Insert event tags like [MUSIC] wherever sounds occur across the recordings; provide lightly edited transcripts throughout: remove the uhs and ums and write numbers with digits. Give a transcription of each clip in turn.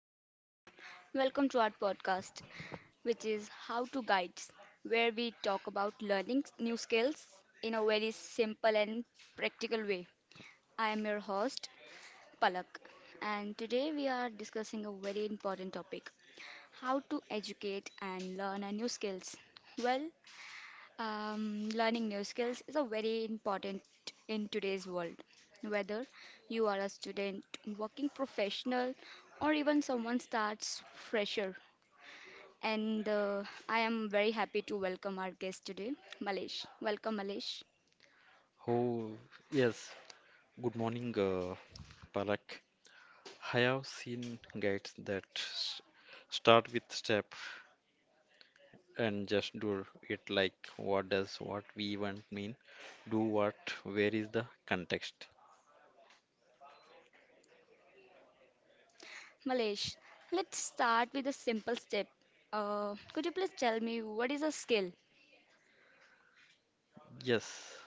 Hello, everyone. Welcome to our podcast, which is How to Guides, where we talk about learning new skills in a very simple and practical way. I am your host, Palak, and today we are discussing a very important topic: how to educate and learn a new skills. Well, learning new skills is a very important in today's world. Whether you are a student, working professional, or even someone starts fresher. And I am very happy to welcome our guest today, Malesh. Welcome, Malesh. Oh, yes. Good morning, Palak. I have seen guides that start with step and just do it like what does what we even mean? Do what? Where is the context? Malesh, let's start with a simple step. Could you please tell me what is a skill? Yes.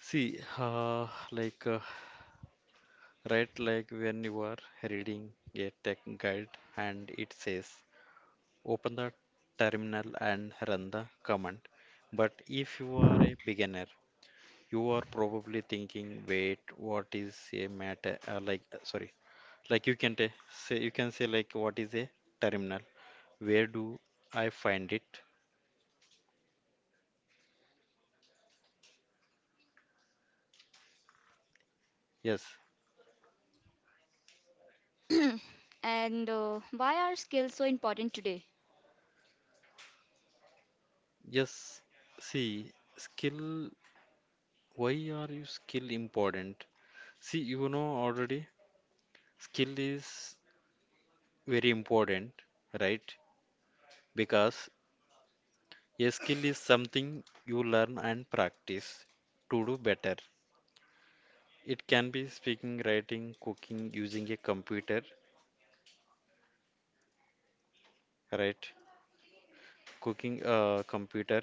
See, right, like when you are reading a tech guide and it says open the terminal and run the command. But if you are a beginner, you are probably thinking, wait, what is a matter? Sorry, like you can say, you can say like, what is a terminal? Where do I find it? Yes, [CLEARS THROAT] and why are skills so important today? yes. See, skill. Why are you skill important? See, you know already, skill is very important, right? Because a skill is something you learn and practice to do better. It can be speaking, writing, cooking, using a computer, right? Cooking a computer,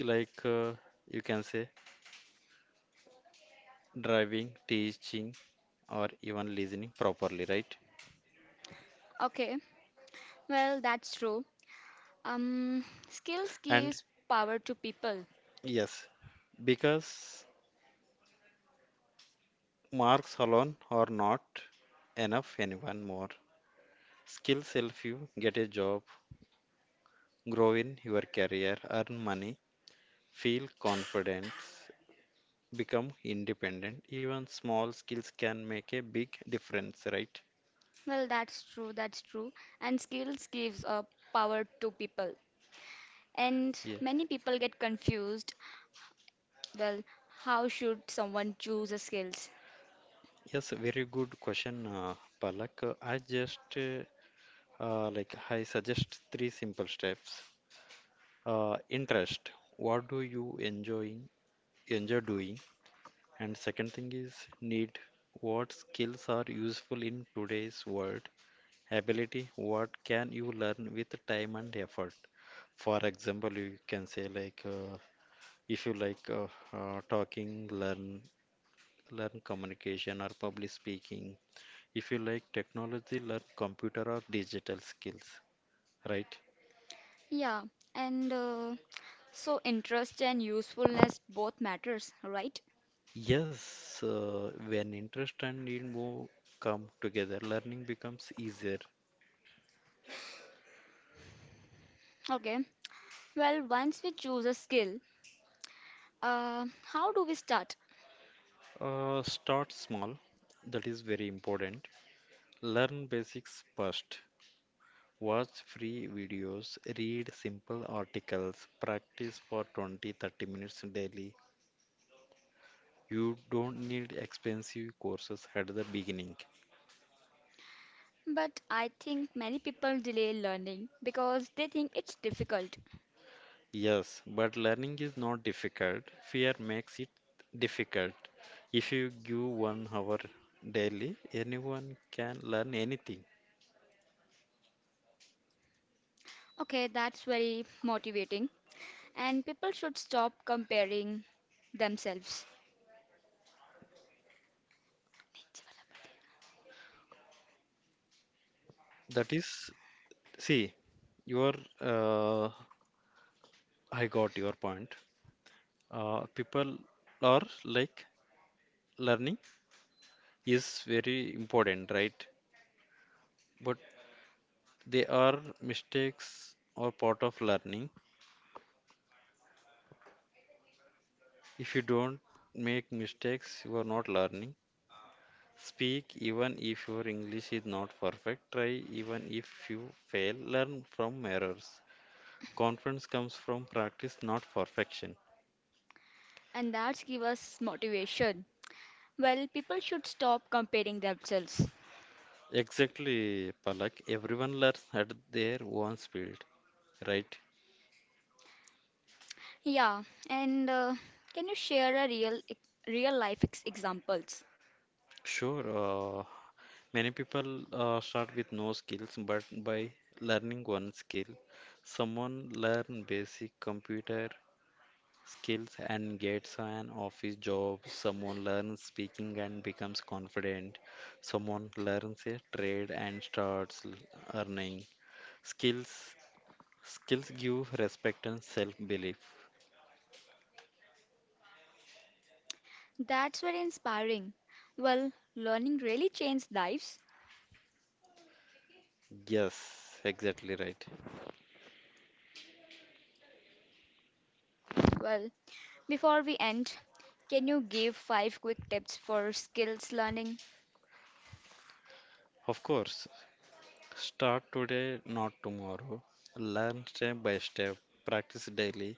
like you can say driving, teaching, or even listening properly, right? Okay, well, that's true. Skills And gives power to people. yes, because marks alone are not enough anyone more. Skills help you get a job, grow in your career, earn money, feel confident, become independent. Even small skills can make a big difference, right? Well, that's true, that's true. And skills gives power to people. And Yeah. many people get confused. Well, how should someone choose a skills? Yes, very good question, Palak. I just like I suggest three simple steps. Interest. What do you enjoy doing? And second thing is need. What skills are useful in today's world? Ability. What can you learn with time and effort? For example, you can say like if you like talking, learn communication or public speaking. If you like technology, learn computer or digital skills, right? Yeah, and so interest and usefulness both matters, right? Yes, when interest and need more come together, learning becomes easier. Okay. Well, once we choose a skill, uh, how do we start? Start small, that is very important. Learn basics first. Watch free videos, read simple articles, practice for 20 30 minutes daily. You don't need expensive courses at the beginning. But I think many people delay learning because they think it's difficult. Yes, but learning is not difficult. Fear makes it difficult. If you give 1 hour daily, anyone can learn anything. Okay, that's very motivating. And people should stop comparing themselves. That is, see, your uh, I got your point. People are like learning is very important, right? But they are mistakes or part of learning. If you don't make mistakes, you are not learning. Speak even if your English is not perfect. Try even if you fail. Learn from errors. Confidence comes from practice, not perfection. And that's give us motivation. Well, people should stop comparing themselves. Exactly, Palak. Everyone learns at their own speed, right? Yeah, and can you share a real life examples? Sure, many people start with no skills, but by learning one skill, someone learn basic computer skills and gets an office job. Someone learns speaking and becomes confident. Someone learns a trade and starts earning. Skills skills give respect and self-belief. That's very inspiring. Well, learning really changed lives. Yes, exactly right. Well, before we end, can you give 5 quick tips for skills learning? Of course, start today, not tomorrow. Learn step by step. Practice daily.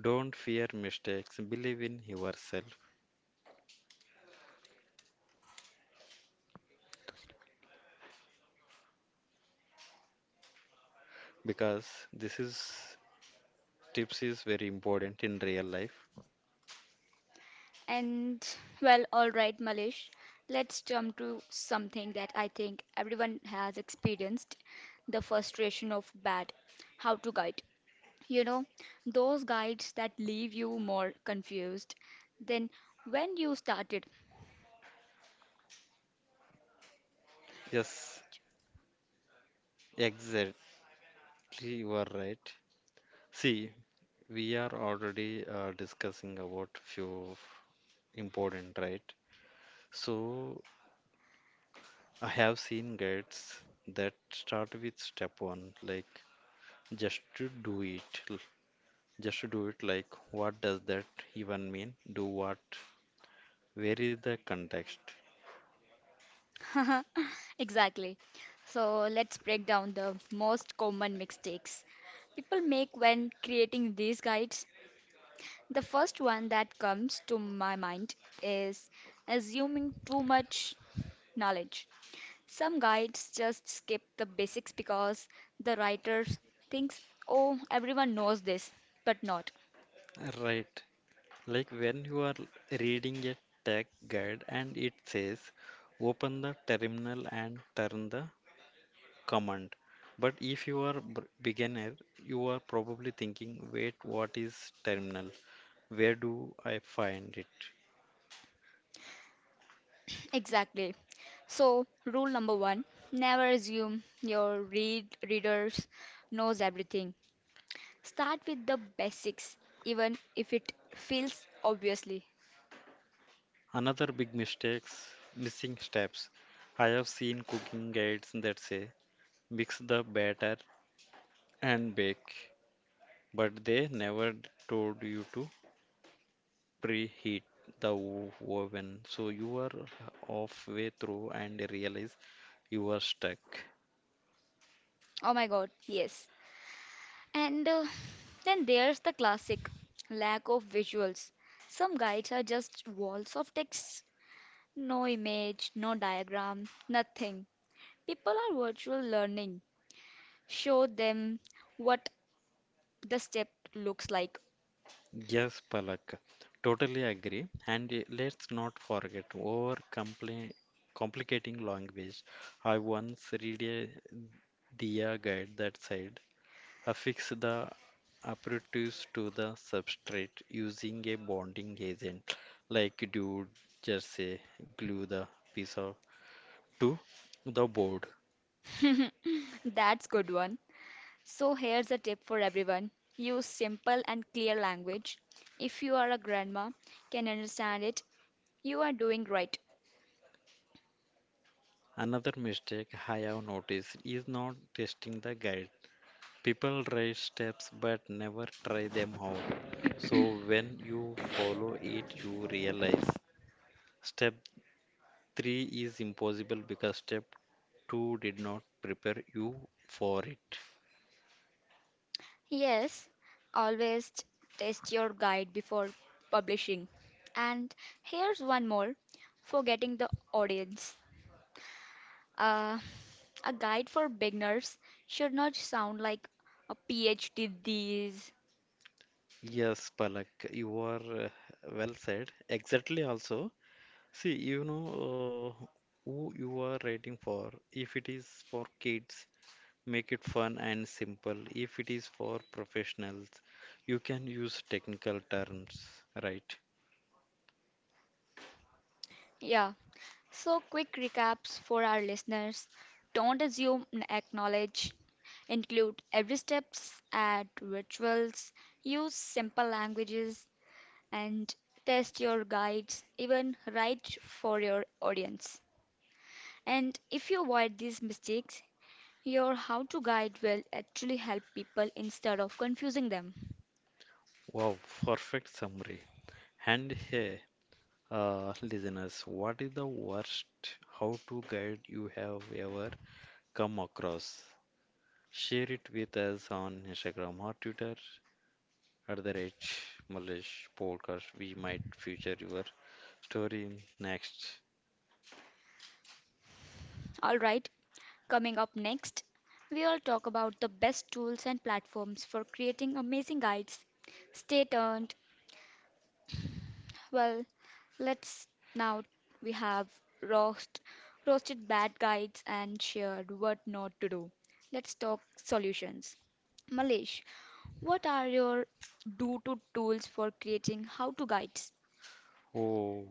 Don't fear mistakes. Believe in yourself because this is tips is very important in real life. And well, all right, Malish, let's jump to something that I think everyone has experienced the frustration of bad how to guide. You know, those guides that leave you more confused than when you started. Yes, exactly. You are right. See, we are already discussing about few important, right? So I have seen guides that start with step one, like just to do it. Just to do it, like what does that even mean? Do what? Where is the context? [LAUGHS] Exactly. So let's break down the most common mistakes people make when creating these guides. The first one that comes to my mind is assuming too much knowledge. Some guides just skip the basics because the writer thinks, oh, everyone knows this, but not. Right. Like when you are reading a tech guide and it says open the terminal and turn the command. But if you are beginner, you are probably thinking, wait, what is terminal? Where do I find it? Exactly. So, rule number one: never assume your readers knows everything. Start with the basics, even if it feels obviously. Another big mistakes, missing steps. I have seen cooking guides that say mix the batter and bake, but they never told you to preheat the oven. So you are halfway through and realize you are stuck. Oh my god, yes. And then there's the classic lack of visuals. Some guides are just walls of text, no image, no diagram, nothing. People are virtual learning. Show them what the step looks like. Yes, Palak, totally agree. And let's not forget over compli complicating language. I once read a Diya guide that said affix the aperitives to the substrate using a bonding agent like dude, just say glue the piece of to the board. That's good one. So here's a tip for everyone. Use simple and clear language. If you are a grandma can understand it, you are doing right. Another mistake I have noticed is not testing the guide. People try steps but never try them out. So when you follow it, you realize step 3 is impossible because step 2 did not prepare you for it. Yes, always test your guide before publishing. And here's one more for getting the audience. Uh, a guide for beginners should not sound like a PhD these. Yes, Palak, you are well said. Exactly, also. See, you know uh, who you are writing for. If it is for kids, make it fun and simple. If it is for professionals, you can use technical terms, right? Yeah, so quick recaps for our listeners. Don't assume, acknowledge, include every steps, add rituals, use simple languages, and test your guides, even write for your audience. And if you avoid these mistakes, your how to guide will actually help people instead of confusing them. Wow, perfect summary. And hey, listeners, what is the worst how to guide you have ever come across? Share it with us on Instagram or Twitter at the rate Malish podcast. We might feature your story in next. Alright, coming up next, we will talk about the best tools and platforms for creating amazing guides. Stay tuned. Well, let's now we have roast, roasted bad guides and shared what not to do. Let's talk solutions. Malish, what are your do-to tools for creating how-to guides? Oh.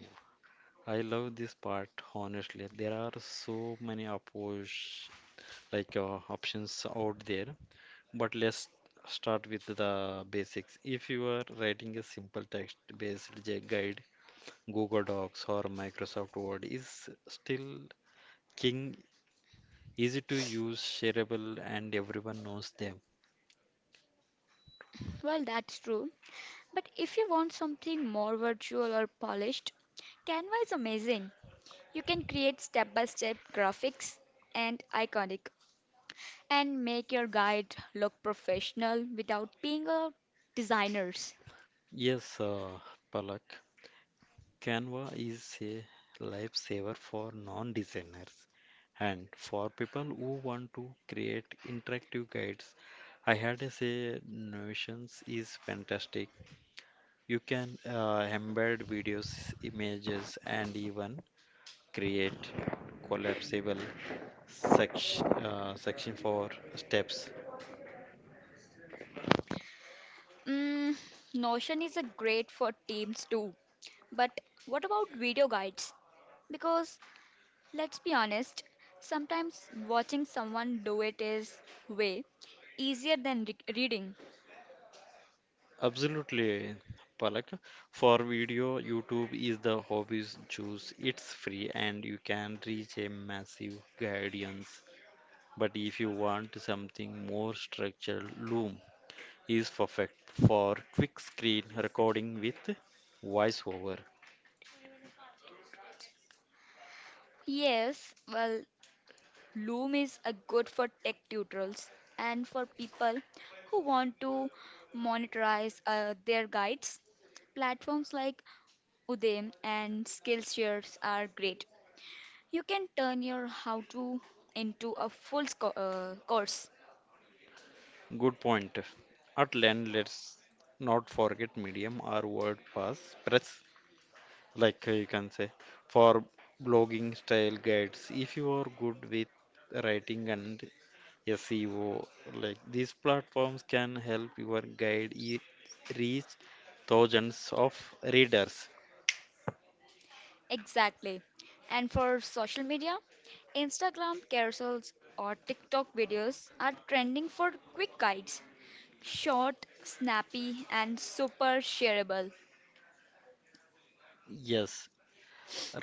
I love this part, honestly. There are so many oppos like options out there, but let's start with the basics. If you are writing a simple text-based guide, Google Docs or Microsoft Word is still king, easy to use, shareable, and everyone knows them. Well, that's true. But if you want something more virtual or polished, Canva is amazing. You can create step by step graphics and iconic and make your guide look professional without being a designers. Yes, Palak. Canva is a lifesaver for non-designers and for people who want to create interactive guides. I had to say Notions is fantastic. You can embed videos, images, and even create collapsible section for steps. Mm, Notion is a great for teams too. But what about video guides? Because let's be honest, sometimes watching someone do it is way easier than reading. Absolutely, Palak. For video, YouTube is the hobby's juice. It's free and you can reach a massive audience. But if you want something more structured, Loom is perfect for quick screen recording with voiceover. Yes, well, Loom is a good for tech tutorials and for people who want to monetize their guides. Platforms like Udemy, and Skillshares are great. You can turn your how to into a course. Good point. At LAN, let's not forget medium or WordPress, you can say for blogging style guides if you are good with writing and SEO, like these platforms can help your reach thousands of readers. Exactly. And for social media, Instagram carousels or TikTok videos are trending for quick guides. Short, snappy, and super shareable. Yes,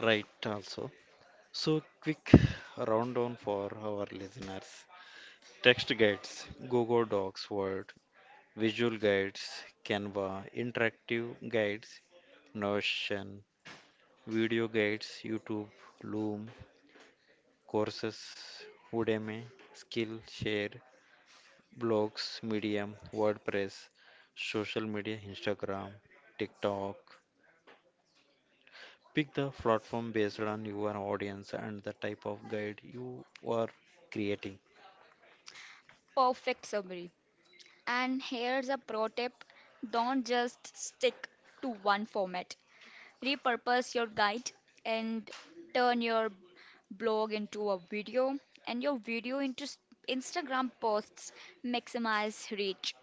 right also. So quick rundown for our listeners: text guides, Google Docs, Word; visual guides, Canva; interactive guides, Notion; video guides, YouTube, Loom; courses, Udemy, Skillshare; blogs, Medium, WordPress; social media, Instagram, TikTok. Pick the platform based on your audience and the type of guide you are creating. Perfect summary. And here's a pro tip: don't just stick to one format. Repurpose your guide and turn your blog into a video and your video into Instagram posts, maximize reach.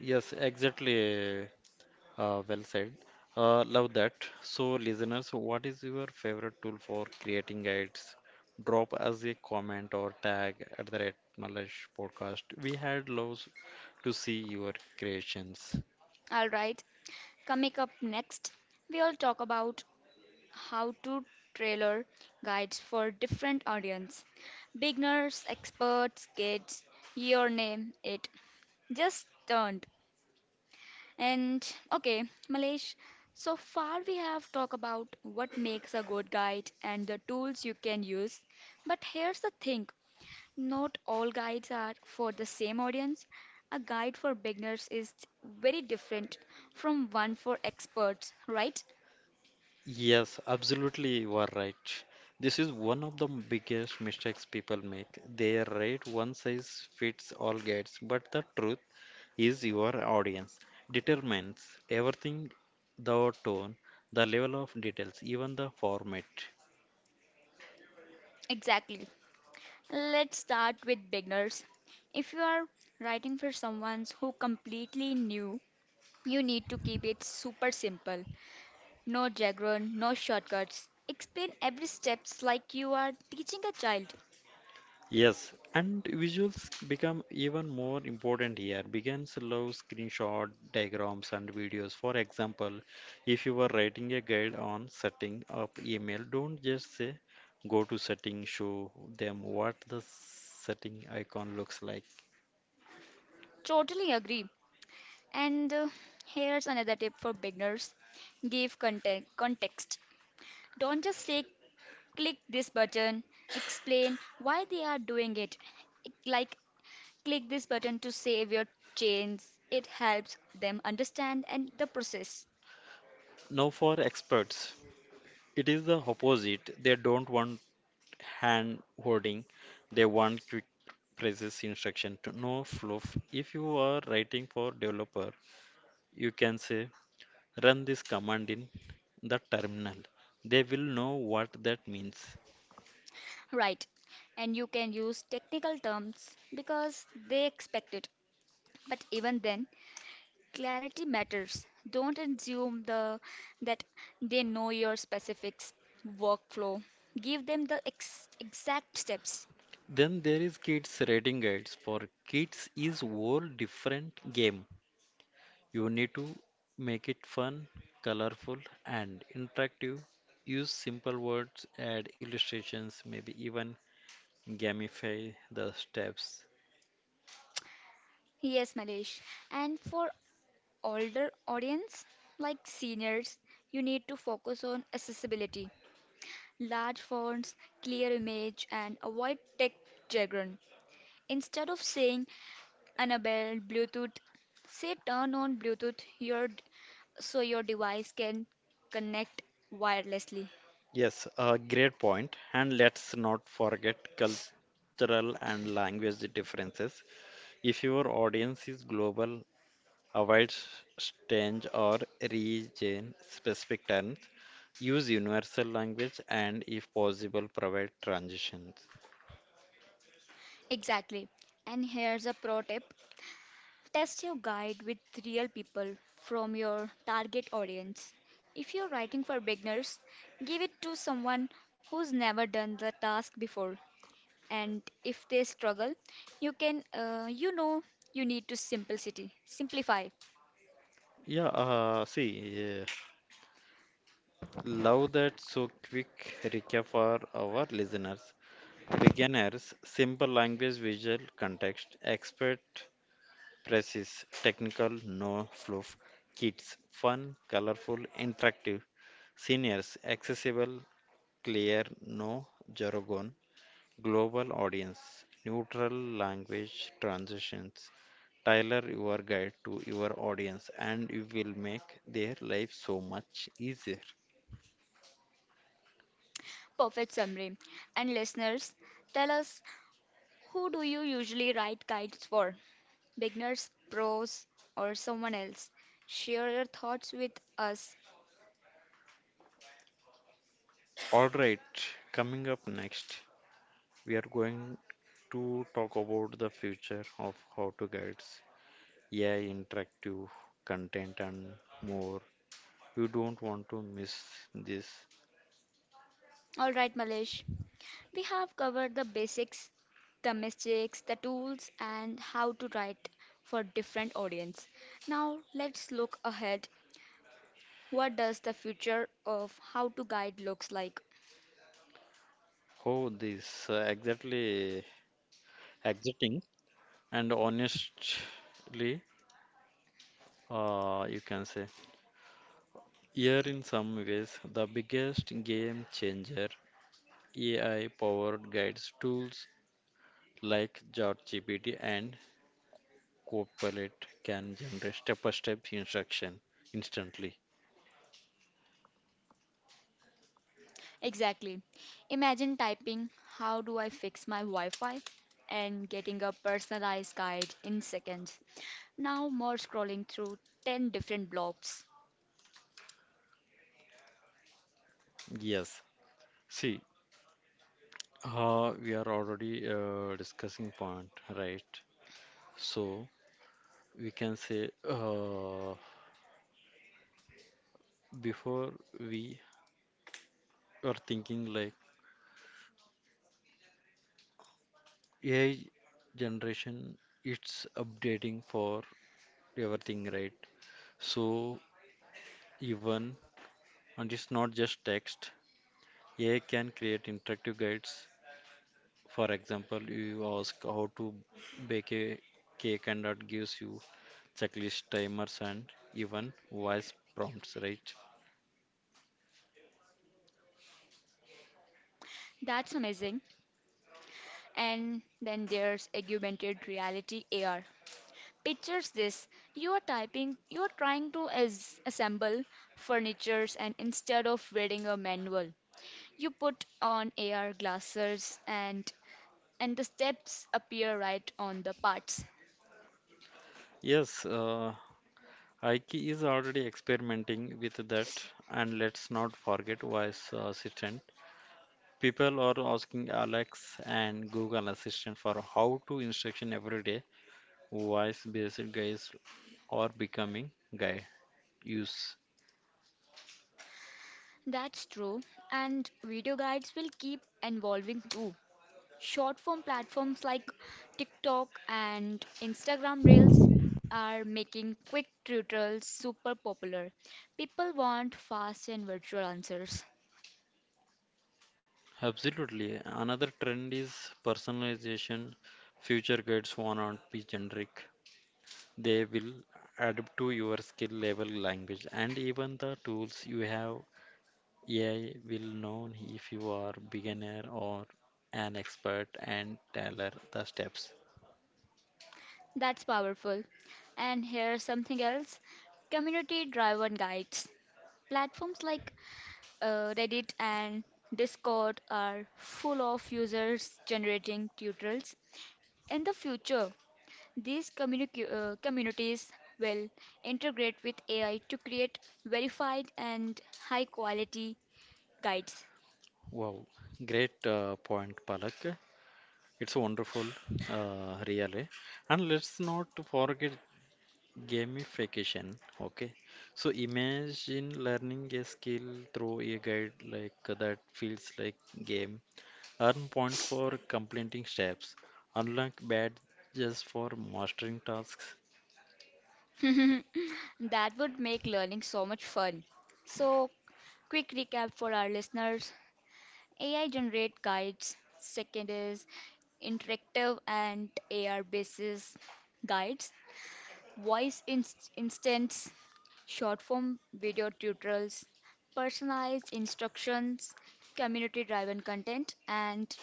Yes, exactly. Well said. Love that. So, listeners, what is your favorite tool for creating guides? Drop us a comment or tag at the Red Malash podcast. We had loves to see your creations. All right, coming up next, we'll talk about how to trailer guides for different audience, beginners, experts, kids, your name it, just turned. And okay, Malesh, so far we have talked about what makes a good guide and the tools you can use. But here's the thing: not all guides are for the same audience. A guide for beginners is very different from one for experts, right? Yes, absolutely, you are right. This is one of the biggest mistakes people make. They write one size fits all guides, but the truth is your audience determines everything: the tone, the level of details, even the format. Exactly. Let's start with beginners. If you are writing for someone who completely new, you need to keep it super simple. No jargon, no shortcuts. Explain every steps like you are teaching a child. Yes, and visuals become even more important here. Begins love screenshot, diagrams, and videos. For example, if you are writing a guide on setting up email, don't just say go to setting, show them what the setting icon looks like. Totally agree. And here's another tip for beginners. Give context. Don't just say click this button. Explain why they are doing it. Like click this button to save your chains. It helps them understand and the process. Now, for experts, it is the opposite. They don't want hand holding. They want quick process instruction to no fluff. If you are writing for developer, you can say run this command in the terminal. They will know what that means. Right. And you can use technical terms because they expect it. But even then, clarity matters. Don't assume the, that they know your specifics workflow. Give them the exact steps. Then there is kids writing guides. For kids is whole different game. You need to make it fun, colorful and interactive. Use simple words, add illustrations, maybe even gamify the steps. Yes, Malesh. And for older audience, like seniors, you need to focus on accessibility, large fonts, clear image, and avoid tech jargon. Instead of saying enable Bluetooth, say turn on Bluetooth your, so your device can connect wirelessly. Yes, a great point. And let's not forget cultural and language differences. If your audience is global, avoid strange or region specific terms. Use universal language and, if possible, provide transitions. Exactly. And here's a pro tip: test your guide with real people from your target audience. If you're writing for beginners, give it to someone who's never done the task before. And if they struggle, you can, you need to simplicity, simplify. Yeah, uh, love that. So quick recap for our listeners: beginners, simple language, visual context; expert press is technical, no fluff; kids, fun, colorful, interactive; seniors, accessible, clear, no jargon; global audience, neutral language transitions. Tailor your guide to your audience and you will make their life so much easier. Perfect summary. And listeners, tell us, who do you usually write guides for? Beginners, pros, or someone else? Share your thoughts with us. Alright, coming up next, we are going to talk about the future of how to guides. AI interactive content and more. You don't want to miss this. All right, Malesh. We have covered the basics, the mistakes, the tools, and how to write for different audience. Now let's look ahead. What does the future of how to guide looks like? How this exactly exiting and honestly, you can say here in some ways the biggest game changer: AI powered guides tools like ChatGPT and Copilot can generate step-by-step instruction instantly. Exactly. Imagine typing how do I fix my Wi-Fi and getting a personalized guide in seconds. Now more scrolling through 10 different blobs. Yes. See, we are already discussing point, right? So we can say before we were thinking like AI generation, it's updating for everything, right? So even and it's not just text. AI can create interactive guides. For example, you ask how to bake a cake, and that gives you checklist timers and even voice prompts, right? That's amazing. And then there's augmented reality AR. Pictures this you are typing, you are trying to assemble furnitures, and instead of reading a manual, you put on AR glasses and the steps appear right on the parts. Yes, IKE is already experimenting with that, and let's not forget voice assistant. People are asking Alex and Google Assistant for how to instruction every day. Voice-based guys are becoming guy use. That's true, and video guides will keep evolving too. Short form platforms like TikTok and Instagram Reels are making quick tutorials super popular. People want fast and virtual answers. Absolutely. Another trend is personalization. Future guides will not be generic. They will adapt to your skill level, language, and even the tools you have. AI will know if you are beginner or an expert and tailor the steps. That's powerful. And here's something else: community driven guides. Platforms like Reddit and Discord are full of users generating tutorials. In the future, these communities will integrate with AI to create verified and high quality guides. Wow, great point, Palak. It's wonderful, really. And let's not forget gamification. Okay, so imagine learning a skill through a guide like that feels like game. Earn point for completing steps. Unlock badges for mastering tasks. [LAUGHS] That would make learning so much fun. So, quick recap for our listeners: AI generate guides, second is interactive and AR basis guides, voice instants, short form video tutorials, personalized instructions, community driven content,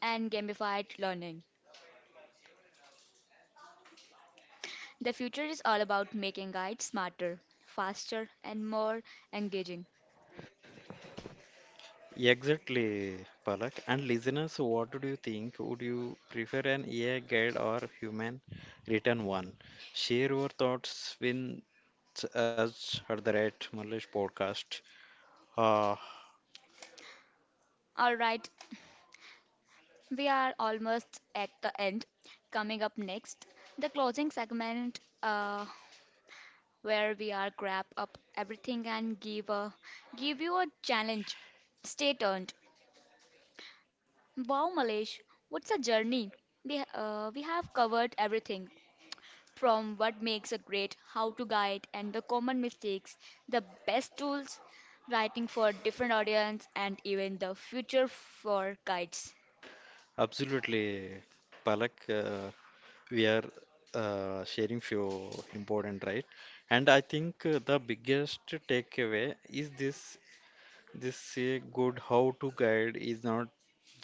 and gamified learning. The future is all about making guides smarter, faster, and more engaging. Exactly, Palak. And listeners, what do you think? Would you prefer an AI guide or human written one? Share your thoughts with us at the right Malaysh podcast. Uh, Alright, we are almost at the end. Coming up next, the closing segment where we are wrap up everything and give give you a challenge. Stay tuned. Wow, Malesh, what's a journey? We have covered everything from what makes a great, how to guide, and the common mistakes, the best tools, writing for different audience, and even the future for guides. absolutely, Palak. We are sharing few important, right? And I think the biggest takeaway is this: this good how to guide is not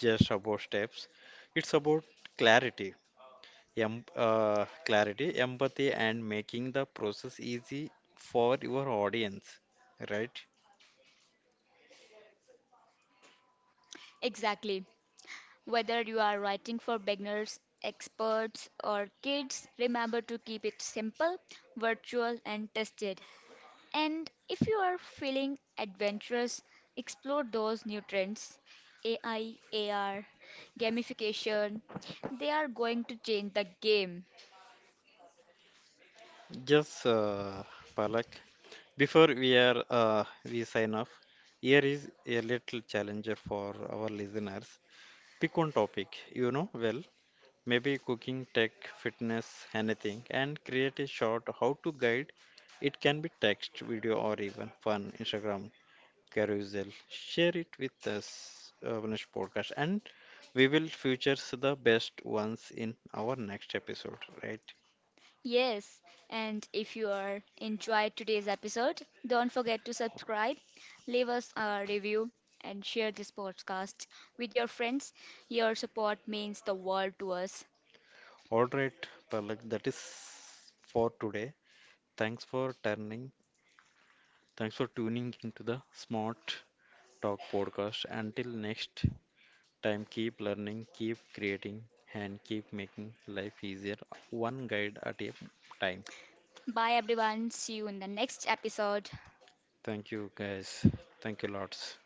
just about steps; it's about clarity clarity, empathy, and making the process easy for your audience, right? Exactly. Whether you are writing for beginners, experts, or kids, remember to keep it simple, virtual, and tested. And if you are feeling adventurous, explore those new trends: AI, AR, gamification. They are going to change the game. Just Palak, before we sign off, here is a little challenger for our listeners. Pick one topic you know well, maybe cooking, tech, fitness, anything, and create a short how to guide. It can be text, video, or even fun Instagram carousel. Share it with us, Vinesh podcast, and we will feature the best ones in our next episode, right? Yes, and if you are enjoyed today's episode, don't forget to subscribe, leave us a review, and share this podcast with your friends. Your support means the world to us. All right, Palak, that is for today. Thanks for turning. Thanks for tuning into the Smart Talk podcast. Until next time, keep learning, keep creating, and keep making life easier, one guide at a time. Bye everyone, see you in the next episode. Thank you, guys. Thank you, lots.